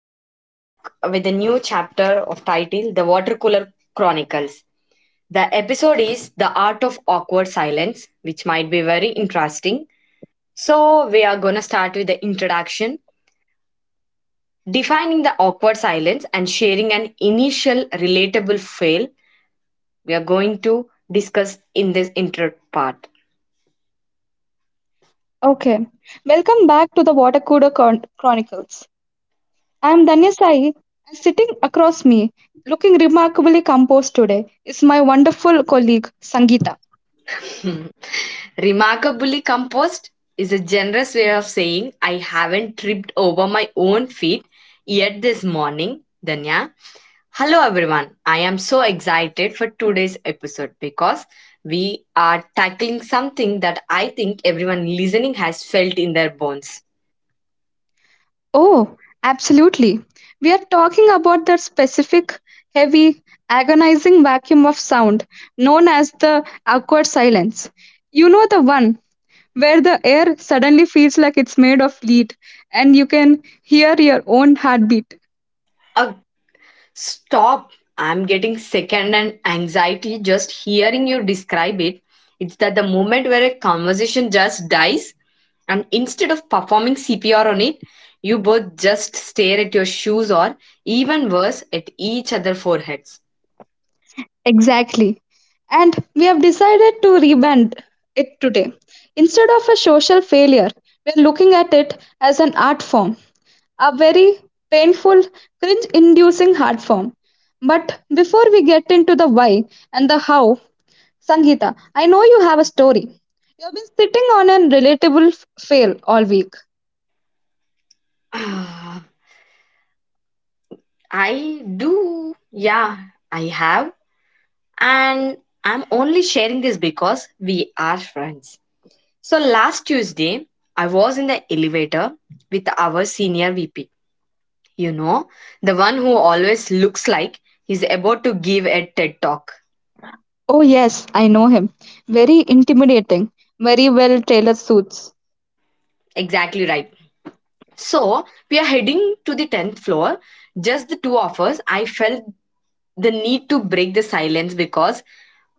we are back with a new chapter of title The Water Cooler Chronicles. The episode is The Art of Awkward Silence, which might be very interesting. So, we are going to start with the introduction, defining the awkward silence, and sharing an initial relatable fail. We are going to discuss in this intro part. Okay, welcome back to the Water Cooler Chronicles. I am Danya Sai, and sitting across me, looking remarkably composed today, is my wonderful colleague Sangeeta. Remarkably composed is a generous way of saying I haven't tripped over my own feet yet this morning, Danya. Hello everyone. I am so excited for today's episode because we are tackling something that I think everyone listening has felt in their bones. Oh, absolutely. We are talking about that specific, heavy, agonizing vacuum of sound known as the awkward silence. You know the one where the air suddenly feels like it's made of lead and you can hear your own heartbeat. A Stop. I'm getting secondhand anxiety just hearing you describe it. It's that the moment where a conversation just dies, and instead of performing CPR on it, you both just stare at your shoes, or even worse, at each other foreheads. Exactly. And we have decided to rebrand it today. Instead of a social failure, we are looking at it as an art form, a very painful, cringe inducing art form. But before we get into the why and the how, Sangeeta, I know you have a story. You have been sitting on an relatable fail all week. Ah, I do. Yeah, I have. And I'm only sharing this because we are friends. So last Tuesday, I was in the elevator with our senior VP. You know, the one who always looks like he's about to give a TED talk. Oh, yes, I know him. Very intimidating, very well tailored suits. Exactly right. So, we are heading to the 10th floor. Just the two of us. I felt the need to break the silence because,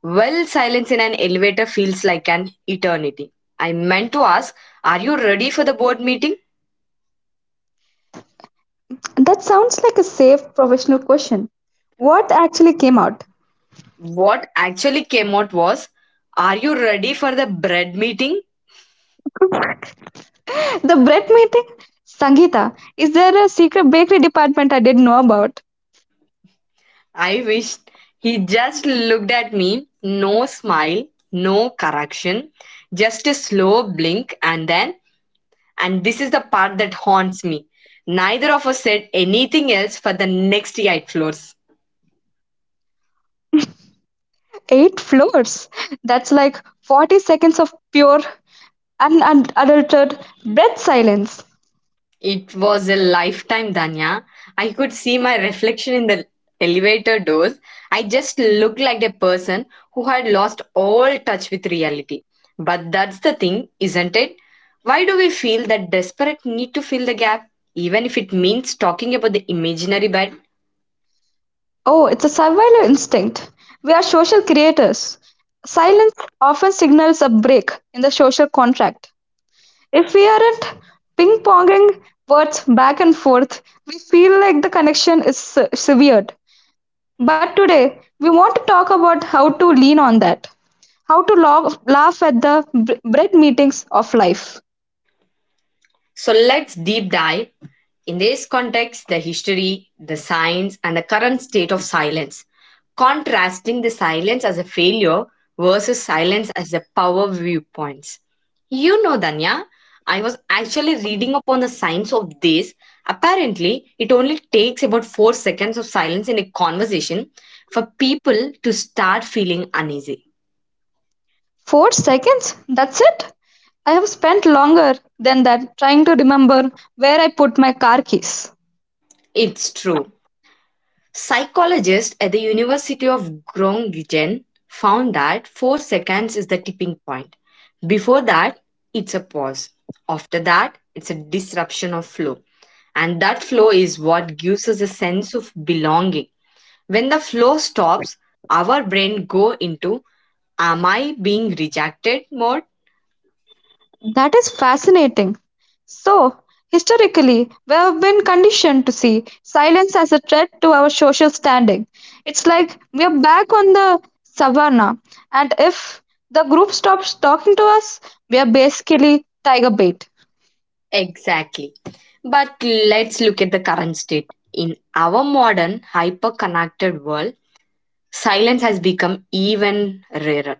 well, silence in an elevator feels like an eternity. I meant to ask, are you ready for the board meeting? That sounds like a safe professional question. What actually came out? What actually came out was, are you ready for the bread meeting? The bread meeting? Sangeeta, is there a secret bakery department I didn't know about? I wish. He just looked at me. No smile, no correction, just a slow blink. And this is the part that haunts me. Neither of us said anything else for the next eight floors. 8 floors. That's like 40 seconds of pure, unadulterated breath silence. It was a lifetime, Danya. I could see my reflection in the elevator doors. I just looked like a person who had lost all touch with reality. But that's the thing, isn't it? Why do we feel that desperate need to fill the gap, even if it means talking about the imaginary bad? Oh, it's a survival instinct. We are social creators. Silence often signals a break in the social contract. If we aren't ping-ponging words back and forth, we feel like the connection is severed. But today, we want to talk about how to lean on that, how to laugh at the bread meetings of life. So let's deep dive in this context the history, the science, and the current state of silence, contrasting the silence as a failure versus silence as the power viewpoints. You know, Danya, I was actually reading upon the science of this. Apparently, it only takes about 4 seconds of silence in a conversation for people to start feeling uneasy. 4 seconds? That's it? I have spent longer than that trying to remember where I put my car keys. It's true. Psychologists at the University of Groningen found that 4 seconds is the tipping point. Before that, it's a pause. After that, it's a disruption of flow. And that flow is what gives us a sense of belonging. When the flow stops, our brain go into am I being rejected mode? That is fascinating. So, historically, we have been conditioned to see silence as a threat to our social standing. It's like we are back on the savannah, and if the group stops talking to us, we are basically tiger bait. Exactly. But let's look at the current state. In our modern hyper connected world, silence has become even rarer.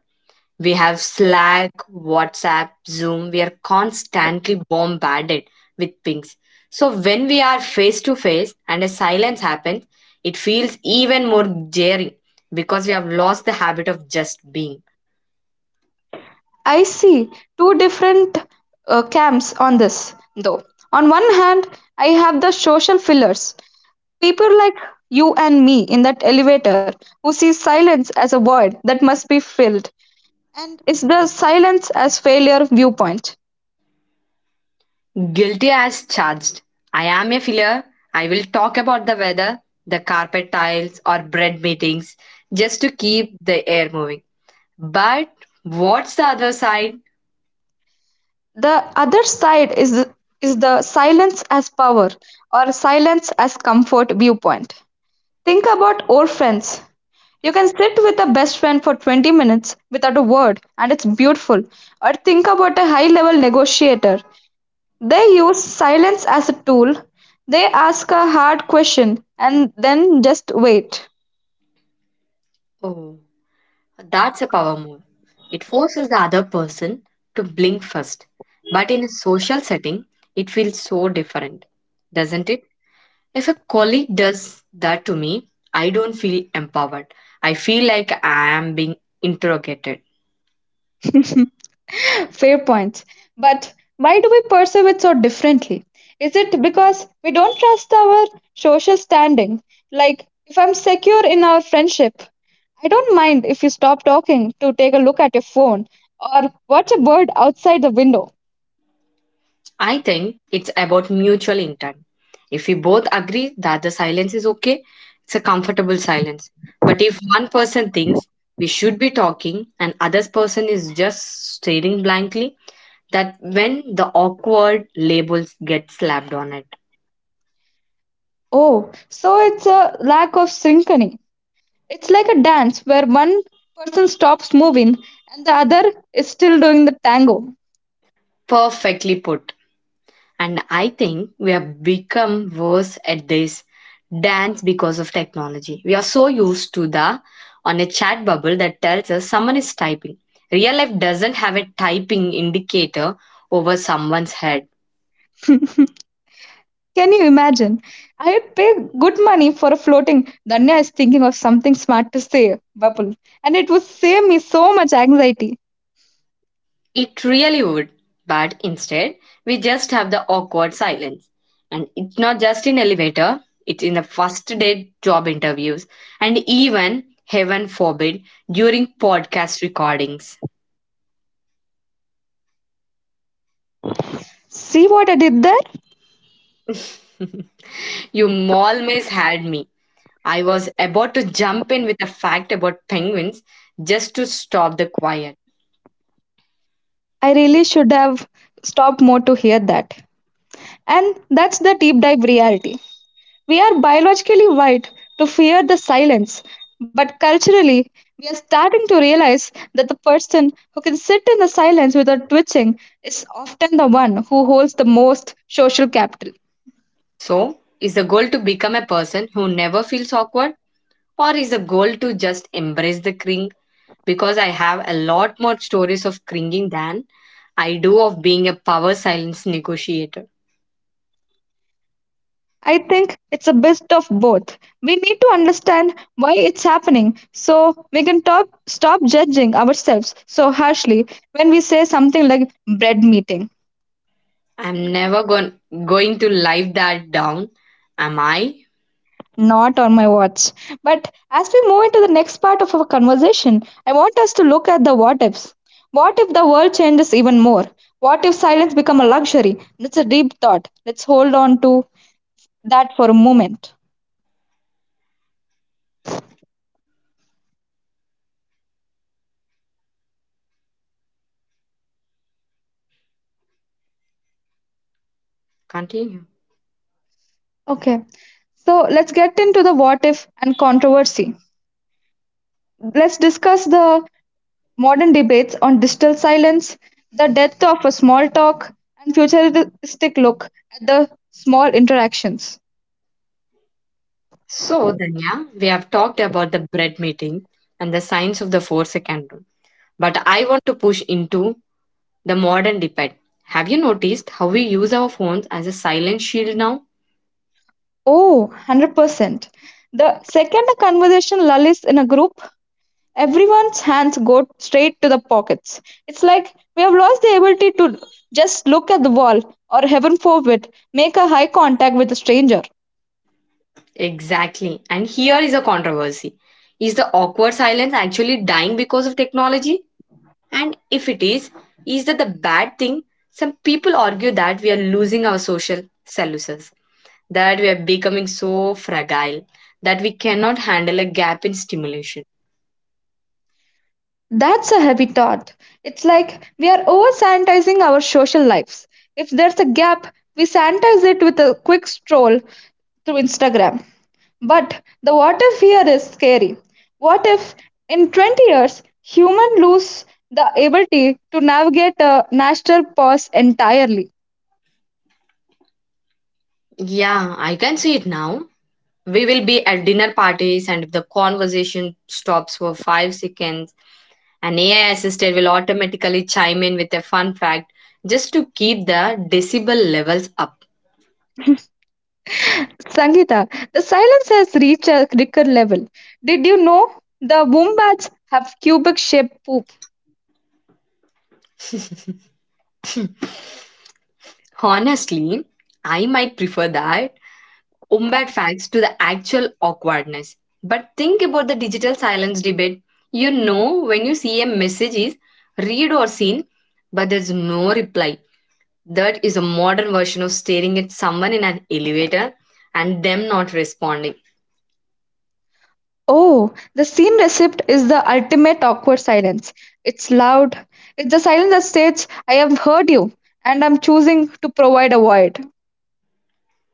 We have Slack, WhatsApp, Zoom. We are constantly bombarded with pings. So when we are face to face and a silence happens, it feels even more jarring because we have lost the habit of just being. I see two different camps on this, though. On one hand, I have the social fillers, people like you and me in that elevator who see silence as a void that must be filled. And is the silence as failure viewpoint. Guilty as charged. I am a filler. I will talk about the weather, the carpet tiles, or bread meetings just to keep the air moving. But what's the other side? The other side is the silence as power or silence as comfort viewpoint. Think about old friends. You can sit with a best friend for 20 minutes without a word, and it's beautiful. Or think about a high level negotiator. They use silence as a tool. They ask a hard question and then just wait. Oh. That's a power move. It forces the other person to blink first. But in a social setting, it feels so different, doesn't it? If a colleague does that to me, I don't feel empowered. I feel like I am being interrogated. Fair point. But why do we perceive it so differently? Is it because we don't trust our social standing? Like, if I'm secure in our friendship, I don't mind if you stop talking to take a look at your phone or watch a bird outside the window. I think it's about mutual intent. If we both agree that the silence is okay, it's a comfortable silence. But if one person thinks we should be talking and other person is just staring blankly, that when the awkward labels get slapped on it. Oh, so it's a lack of synchrony. It's like a dance where one person stops moving and the other is still doing the tango. Perfectly put. And I think we have become worse at this dance because of technology. We are so used to the on a chat bubble that tells us someone is typing. Real life doesn't have a typing indicator over someone's head. Can you imagine? I'd pay good money for a floating "Danya is thinking of something smart to say" bubble, and it would save me so much anxiety. It really would. But instead, we just have the awkward silence. And it's not just in elevator, it's in the first date job interviews and even, heaven forbid, during podcast recordings. See what I did there? you always had me. I was about to jump in with a fact about penguins just to stop the quiet. I really should have stopped more to hear that. And that's the deep dive reality. We are biologically wired to fear the silence, but culturally, we are starting to realize that the person who can sit in the silence without twitching is often the one who holds the most social capital. So, is the goal to become a person who never feels awkward? Or is the goal to just embrace the cring? Because I have a lot more stories of cringing than I do of being a power silence negotiator. I think it's a bit of both. We need to understand why it's happening so we can stop judging ourselves so harshly when we say something like bread meeting. I'm never going to live that down, am I? Not on my watch. But as we move into the next part of our conversation, I want us to look at the what ifs. What if the world changes even more? What if silence become a luxury? That's a deep thought. Let's hold on to that for a moment. Continue. Okay. So let's get into the what if and controversy. Let's discuss the modern debates on digital silence, the death of a small talk, and futuristic look at the small interactions. So, Danya, we have talked about the bread meeting and the science of the 4 second rule. But I want to push into the modern debate. Have you noticed how we use our phones as a silent shield now? Oh, 100%. The second a conversation lulls in a group, everyone's hands go straight to the pockets. It's like we have lost the ability to just look at the wall or, heaven forbid, make a high contact with a stranger. Exactly. And here is a controversy. Is the awkward silence actually dying because of technology? And if it is that the bad thing? Some people argue that we are losing our social celluses, that we are becoming so fragile that we cannot handle a gap in stimulation. That's a heavy thought. It's like we are over sanitizing our social lives. If there's a gap, we sanitize it with a quick stroll through Instagram. But the what if here is scary. What if in 20 years human lose the ability to navigate a natural pause entirely? Yeah, I can see it now. We will be at dinner parties, and if the conversation stops for 5 seconds, an AI assistant will automatically chime in with a fun fact just to keep the decibel levels up. Sangeeta, the silence has reached a record level. Did you know the wombats have cubic shaped poop? Honestly, I might prefer that umbat facts to the actual awkwardness. But think about the digital silence debate. You know when you see a message is read or seen, but there's no reply. That is a modern version of staring at someone in an elevator and them not responding. Oh, the scene receipt is the ultimate awkward silence. It's loud. It's the silence that states, I have heard you, and I'm choosing to provide a void.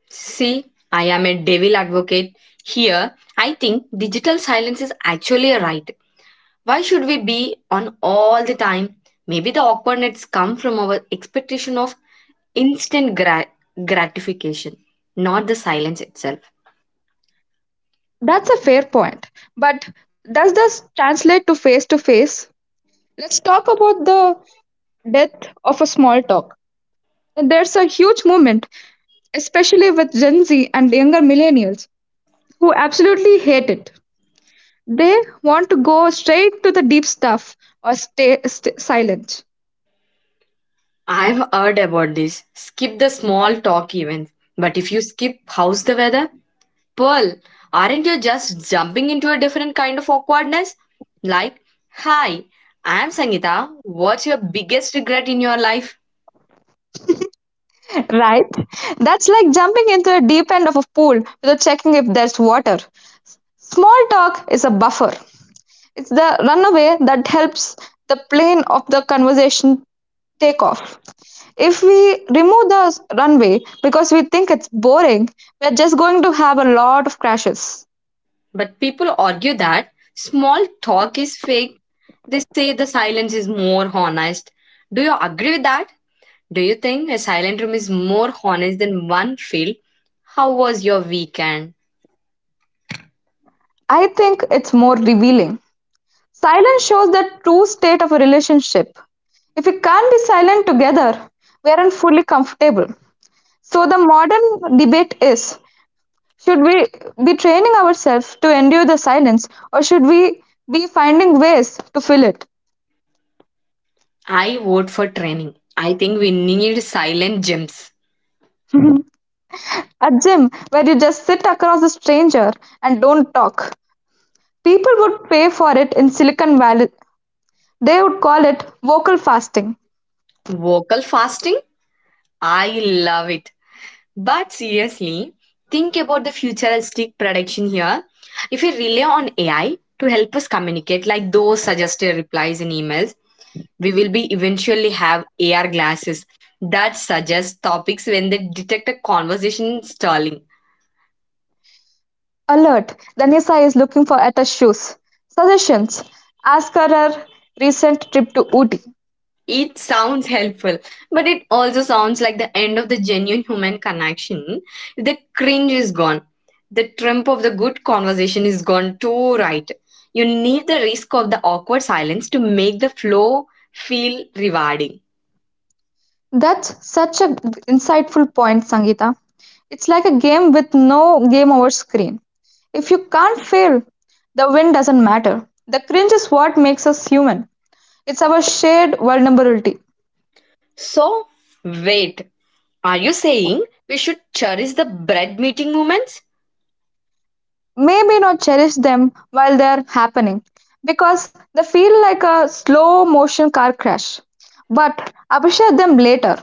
See, I am a devil advocate here. I think digital silence is actually a right. Why should we be on all the time? Maybe the awkwardness come from our expectation of instant gratification, not the silence itself. That's a fair point. But does this translate to face to face? Let's talk about the death of a small talk. There's a huge movement, especially with Gen Z and younger millennials, who absolutely hate it. They want to go straight to the deep stuff or stay silent. I've heard about this. Skip the small talk events. But if you skip how's the weather, Pearl, aren't you just jumping into a different kind of awkwardness? Like, hi, I'm Sangeeta. What's your biggest regret in your life? Right? That's like jumping into the deep end of a pool without checking if there's water. Small talk is a buffer, it's the runaway that helps the plane of the conversation take off. If we remove the runway because we think it's boring, we're just going to have a lot of crashes. But people argue that small talk is fake. They say the silence is more honest. Do you agree with that? Do you think a silent room is more honest than one filled? How was your weekend? I think it's more revealing. Silence shows the true state of a relationship. If we can't be silent together, we aren't fully comfortable. So the modern debate is, should we be training ourselves to endure the silence, or should we be finding ways to fill it? I vote for training. I think we need silent gyms. At gym, where you just sit across a stranger and don't talk, people would pay for it in Silicon Valley. They would call it vocal fasting. Vocal fasting? I love it. But seriously, think about the futuristic prediction here. If we rely on AI to help us communicate, like those suggested replies in emails, we will be eventually have AR glasses that suggest topics when they detect a conversation stalling. Alert! Danisa is looking for Etta's shoes. Suggestions: ask her her recent trip to Ooty. It sounds helpful, but it also sounds like the end of the genuine human connection. The cringe is gone. The trump of the good conversation is gone too, right? You need the risk of the awkward silence to make the flow feel rewarding. That's such a insightful point, Sangeeta. It's like a game with no game over screen. If you can't fail, the win doesn't matter. The cringe is what makes us human. It's our shared vulnerability. So, wait, are you saying we should cherish the bread meeting moments? Maybe not cherish them while they are happening because they feel like a slow motion car crash. But appreciate them later.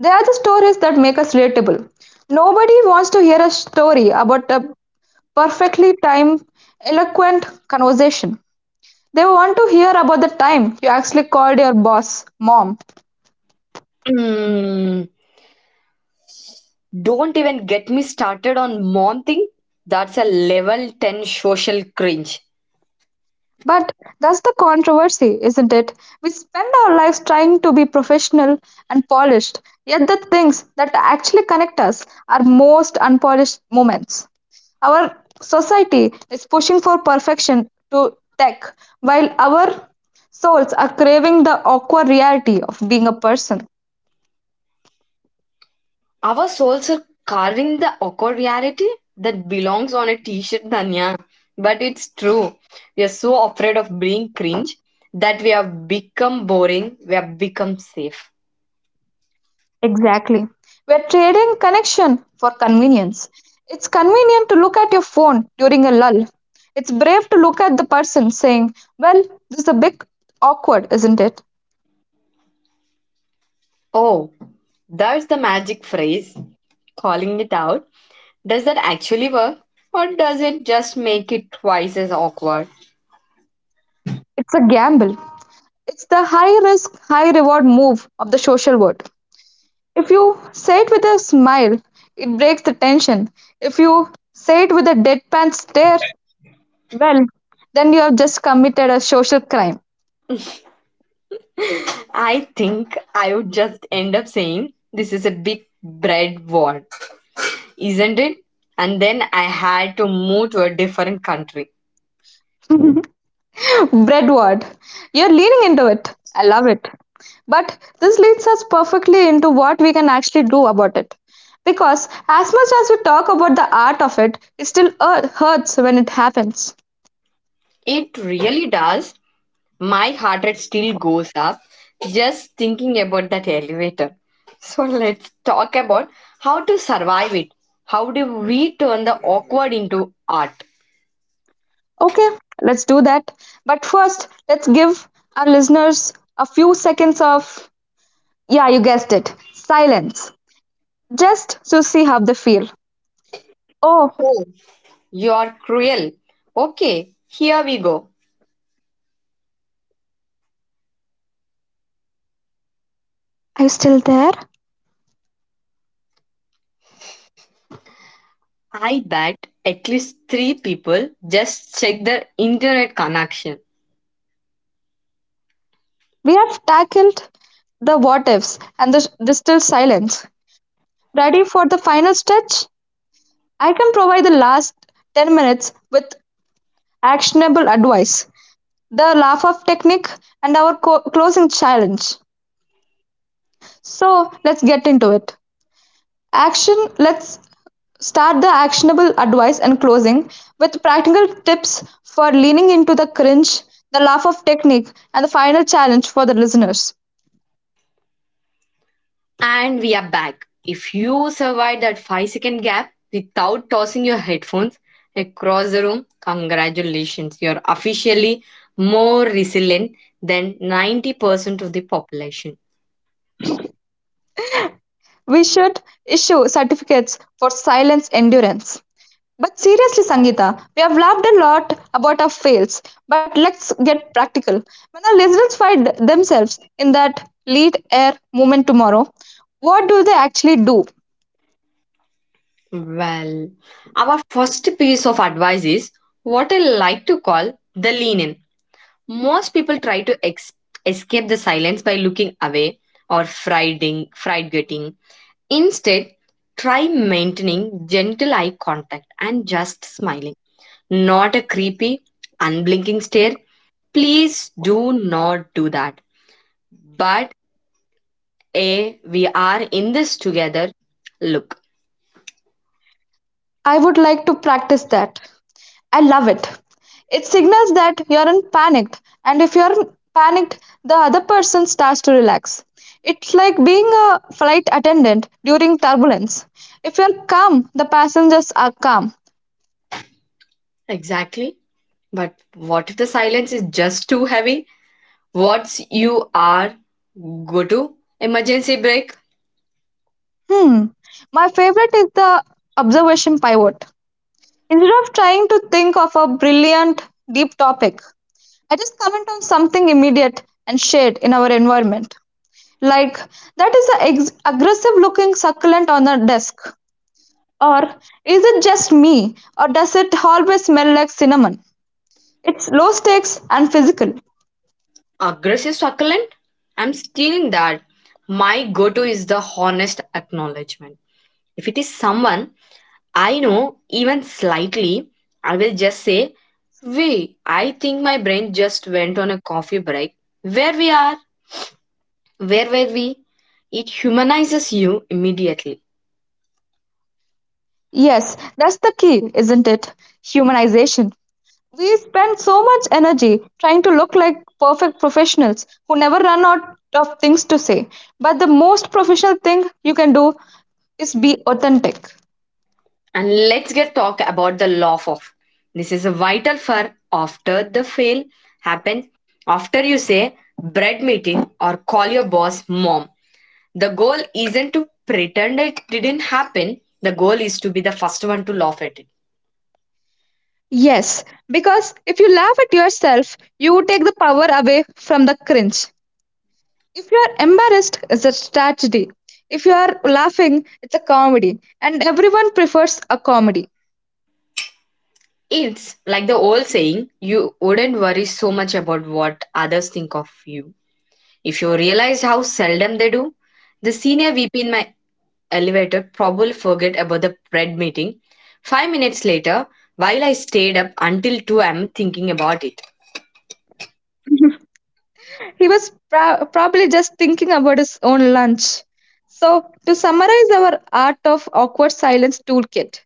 They are the stories that make us relatable. Nobody wants to hear a story about a perfectly timed, eloquent conversation. They want to hear about the time you actually called your boss mom. Mm, don't even get me started on mom thing. That's a level 10 social cringe. But that's the controversy, isn't it? We spend our lives trying to be professional and polished, yet the things that actually connect us are most unpolished moments. Our society is pushing for perfection to tech, while our souls are craving the awkward reality of being a person. Our souls are carving the awkward reality that belongs on a t-shirt, Danya. But it's true. We are so afraid of being cringe that we have become boring. We have become safe. Exactly. We're trading connection for convenience. It's convenient to look at your phone during a lull. It's brave to look at the person saying, well, this is a bit awkward, isn't it? Oh, that's the magic phrase. Calling it out. Does that actually work? Or does it just make it twice as awkward? It's a gamble. It's the high risk, high reward move of the social world. If you say it with a smile, it breaks the tension. If you say it with a deadpan stare, well, then you have just committed a social crime. I think I would just end up saying this is a big bread war, isn't it? And then I had to move to a different country. Breadward. You're leaning into it. I love it. But this leads us perfectly into what we can actually do about it. Because as much as we talk about the art of it, it still hurts when it happens. It really does. My heart rate still goes up just thinking about that elevator. So let's talk about how to survive it. How do we turn the awkward into art? Okay, let's do that. But first, let's give our listeners a few seconds of, yeah, you guessed it, silence, just to see how they feel. Oh, Oh, you're cruel. Okay, here we go. are you still there? I bet at least three people just check their internet connection. We have tackled the what ifs and the still silence. Ready for the final stretch? I can provide the last 10 minutes with actionable advice, the laugh off technique, and our closing challenge. So let's get into it. Action. Let's start the actionable advice and closing with practical tips for leaning into the cringe, the laugh off technique, and the final challenge for the listeners. And we are back. If you survive that 5 second gap without tossing your headphones across the room, congratulations. You're officially more resilient than 90% of the population. We should issue certificates for silence endurance. But seriously, Sangeeta, we have laughed a lot about our fails, but let's get practical. When our listeners find themselves in that lead air moment tomorrow, what do they actually do? Well, our first piece of advice is what I like to call the lean in. Most people try to escape the silence by looking away or fried. Instead, try maintaining gentle eye contact and just smiling, not a creepy, unblinking stare. Please do not do that. But a we are in this together look. I would like to practice that. I love it. It signals that you aren't panicked, and if you're panicked, the other person starts to relax. It's like being a flight attendant during turbulence. If you're calm, the passengers are calm. Exactly. But what if the silence is just too heavy? What's you are go to emergency break? Hmm. My favorite is the observation pivot. Instead of trying to think of a brilliant, deep topic, I just comment on something immediate and shared in our environment. Like, that is an aggressive looking succulent on the desk. Or, is it just me? Or does it always smell like cinnamon? It's low stakes and physical. Aggressive succulent? I'm stealing that. My go to is the honest acknowledgement. If it is someone I know even slightly, I will just say, we, I think my brain just went on a coffee break. Where we are, where were we? It humanizes you immediately. Yes, that's the key, isn't it? Humanization. We spend so much energy trying to look like perfect professionals who never run out of things to say. But the most professional thing you can do is be authentic. And let's get talk about the law of. This is vital for after the fail happens, after you say bread meeting or call your boss mom. The goal isn't to pretend it didn't happen. The goal is to be the first one to laugh at it. Yes, because if you laugh at yourself, you take the power away from the cringe. If you are embarrassed, it's a tragedy. If you are laughing, it's a comedy. And everyone prefers a comedy. It's like the old saying you wouldn't worry so much about what others think of you. If you realized how seldom they do, the senior VP in my elevator probably forget about the bread meeting. 5 minutes later, while I stayed up until 2 a.m. thinking about it. He was probably just thinking about his own lunch. So, to summarize our Art of Awkward Silence toolkit,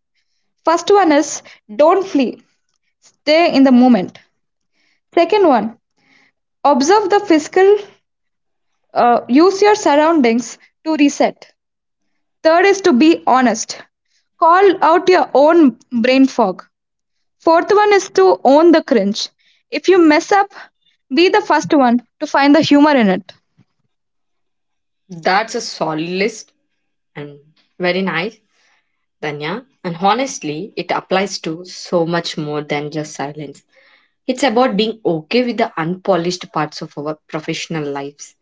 first one is don't flee, stay in the moment. Second one, observe the physical, use your surroundings to reset. Third is to be honest, call out your own brain fog. Fourth one is to own the cringe. If you mess up, be the first one to find the humor in it. That's a solid list and very nice, Danya. And honestly, it applies to so much more than just silence. It's about being okay with the unpolished parts of our professional lives.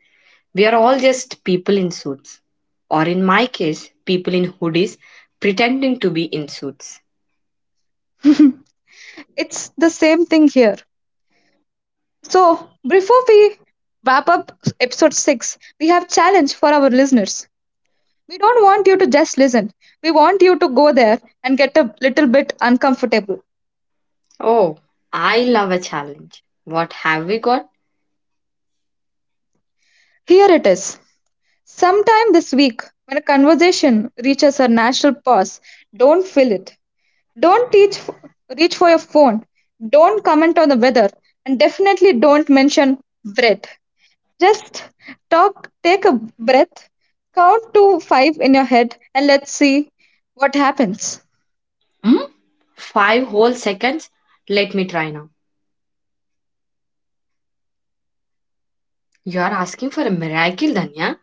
We are all just people in suits. Or in my case, people in hoodies pretending to be in suits. It's the same thing here. So, before we wrap up episode 6, we have challenge for our listeners. We don't want you to just listen. We want you to go there and get a little bit uncomfortable. Oh, I love a challenge. What have we got? Here it is. Sometime this week, when a conversation reaches a natural pause, don't fill it. Don't teach, reach for your phone. Don't comment on the weather. And definitely don't mention bread. Just talk, take a breath, count to 5 in your head, and let's see what happens. Hmm? 5 whole seconds? Let me try now. You're asking for a miracle, Danya.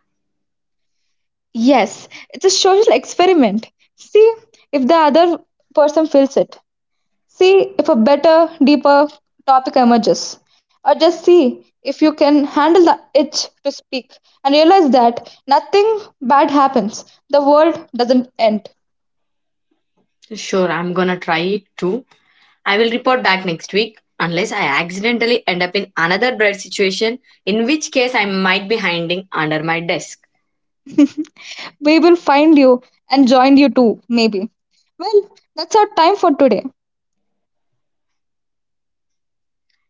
Yes, it's a social experiment. See if the other person feels it. See if a better, deeper topic emerges. Or just see if you can handle the itch to speak and realize that nothing bad happens. The world doesn't end. Sure, I'm gonna try it too. I will report back next week unless I accidentally end up in another bread situation, in which case I might be hiding under my desk. We will find you and join you too, maybe. Well, that's our time for today.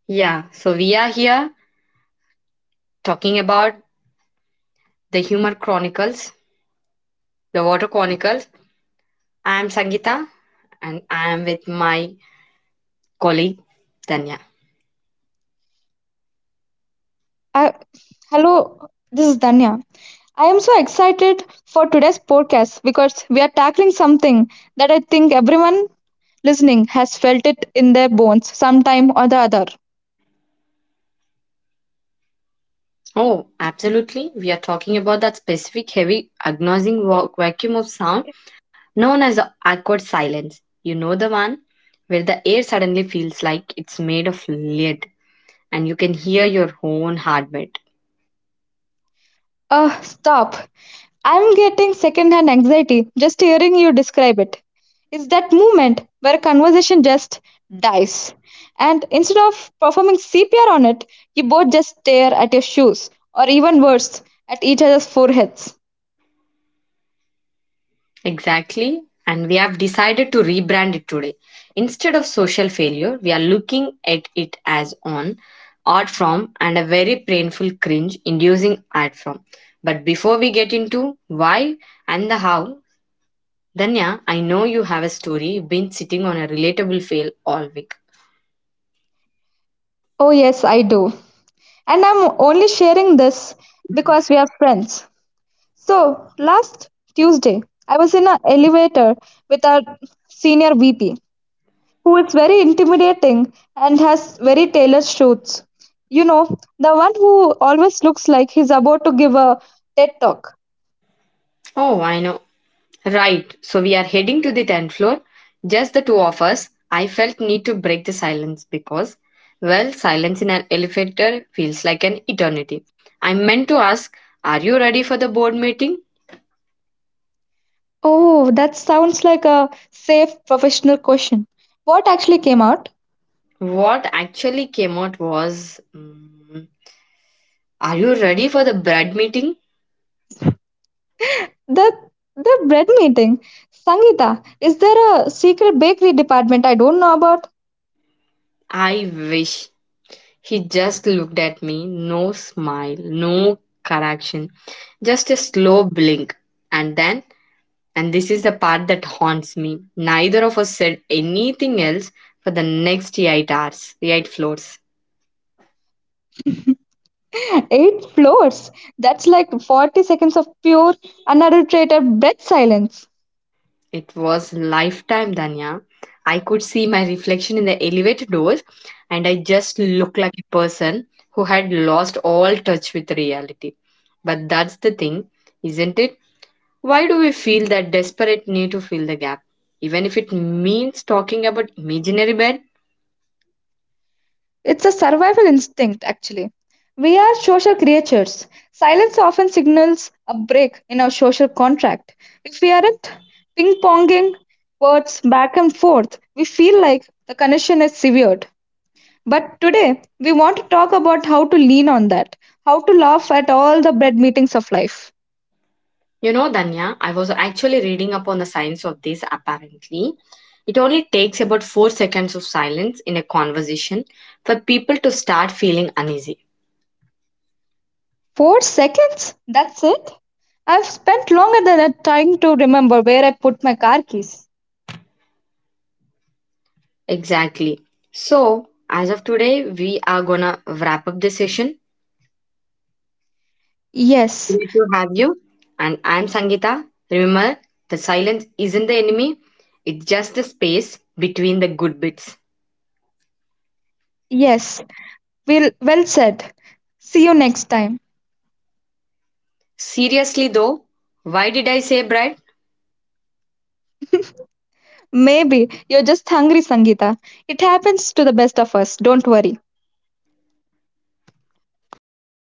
Yeah, so we are here talking about the humor chronicles The Water Chronicles. I am Sangeeta and I am with my colleague Tanya. I, hello, this is Danya. I am so excited for today's podcast because we are tackling something that I think everyone listening has felt it in their bones sometime or the other. Oh, absolutely. We are talking about that specific heavy agonizing vacuum of sound known as the awkward silence. You know the one where the air suddenly feels like it's made of lead and you can hear your own heartbeat. Stop. I'm getting secondhand anxiety just hearing you describe it. It's that moment where conversation just dies. And instead of performing CPR on it, you both just stare at your shoes, or even worse, at each other's foreheads. Exactly. And we have decided to rebrand it today. Instead of social failure, we are looking at it as on art form and a very painful cringe inducing art form. But before we get into why and the how, Danya, I know you have a story. You've been sitting on a relatable fail all week. Oh, yes, I do. And I'm only sharing this because we are friends. So, last Tuesday, I was in an elevator with our senior VP, who is very intimidating and has very tailored suits. You know, the one who always looks like he's about to give a TED talk. Oh, I know. Right, so we are heading to the 10th floor. Just the two of us. I felt need to break the silence because, well, silence in an elevator feels like an eternity. I meant to ask, are you ready for the board meeting? Oh, that sounds like a safe professional question. What actually came out? What actually came out was, are you ready for the bread meeting? The the bread meeting. Sangita, is there a secret bakery department I don't know about? I wish. He just looked at me, no smile, no correction, just a slow blink. And then and this is the part that haunts me. Neither of us said anything else for the next 8 hours, eight floors. Eight floors. That's like 40 seconds of pure, unadulterated breath silence. It was lifetime, Danya. I could see my reflection in the elevator doors, and I just looked like a person who had lost all touch with reality. But that's the thing, isn't it? Why do we feel that desperate need to fill the gap, even if it means talking about imaginary bed? It's a survival instinct, actually. We are social creatures. Silence often signals a break in our social contract. If we aren't ping ponging words back and forth, we feel like the connection is severed. But today, we want to talk about how to lean on that, how to laugh at all the bread meetings of life. You know, Danya, I was actually reading up on the science of this. Apparently, it only takes about 4 seconds of silence in a conversation for people to start feeling uneasy. 4 seconds? That's it? I've spent longer than that trying to remember where I put my car keys. Exactly. So, as of today, we are gonna wrap up the session. Yes, Great to have you. And I'm Sangeeta. Remember, the silence isn't the enemy, it's just the space between the good bits. yes. Well said. See you next time. Seriously, though, why did I say bride? Maybe you're just hungry, Sangeeta. It happens to the best of us. Don't worry.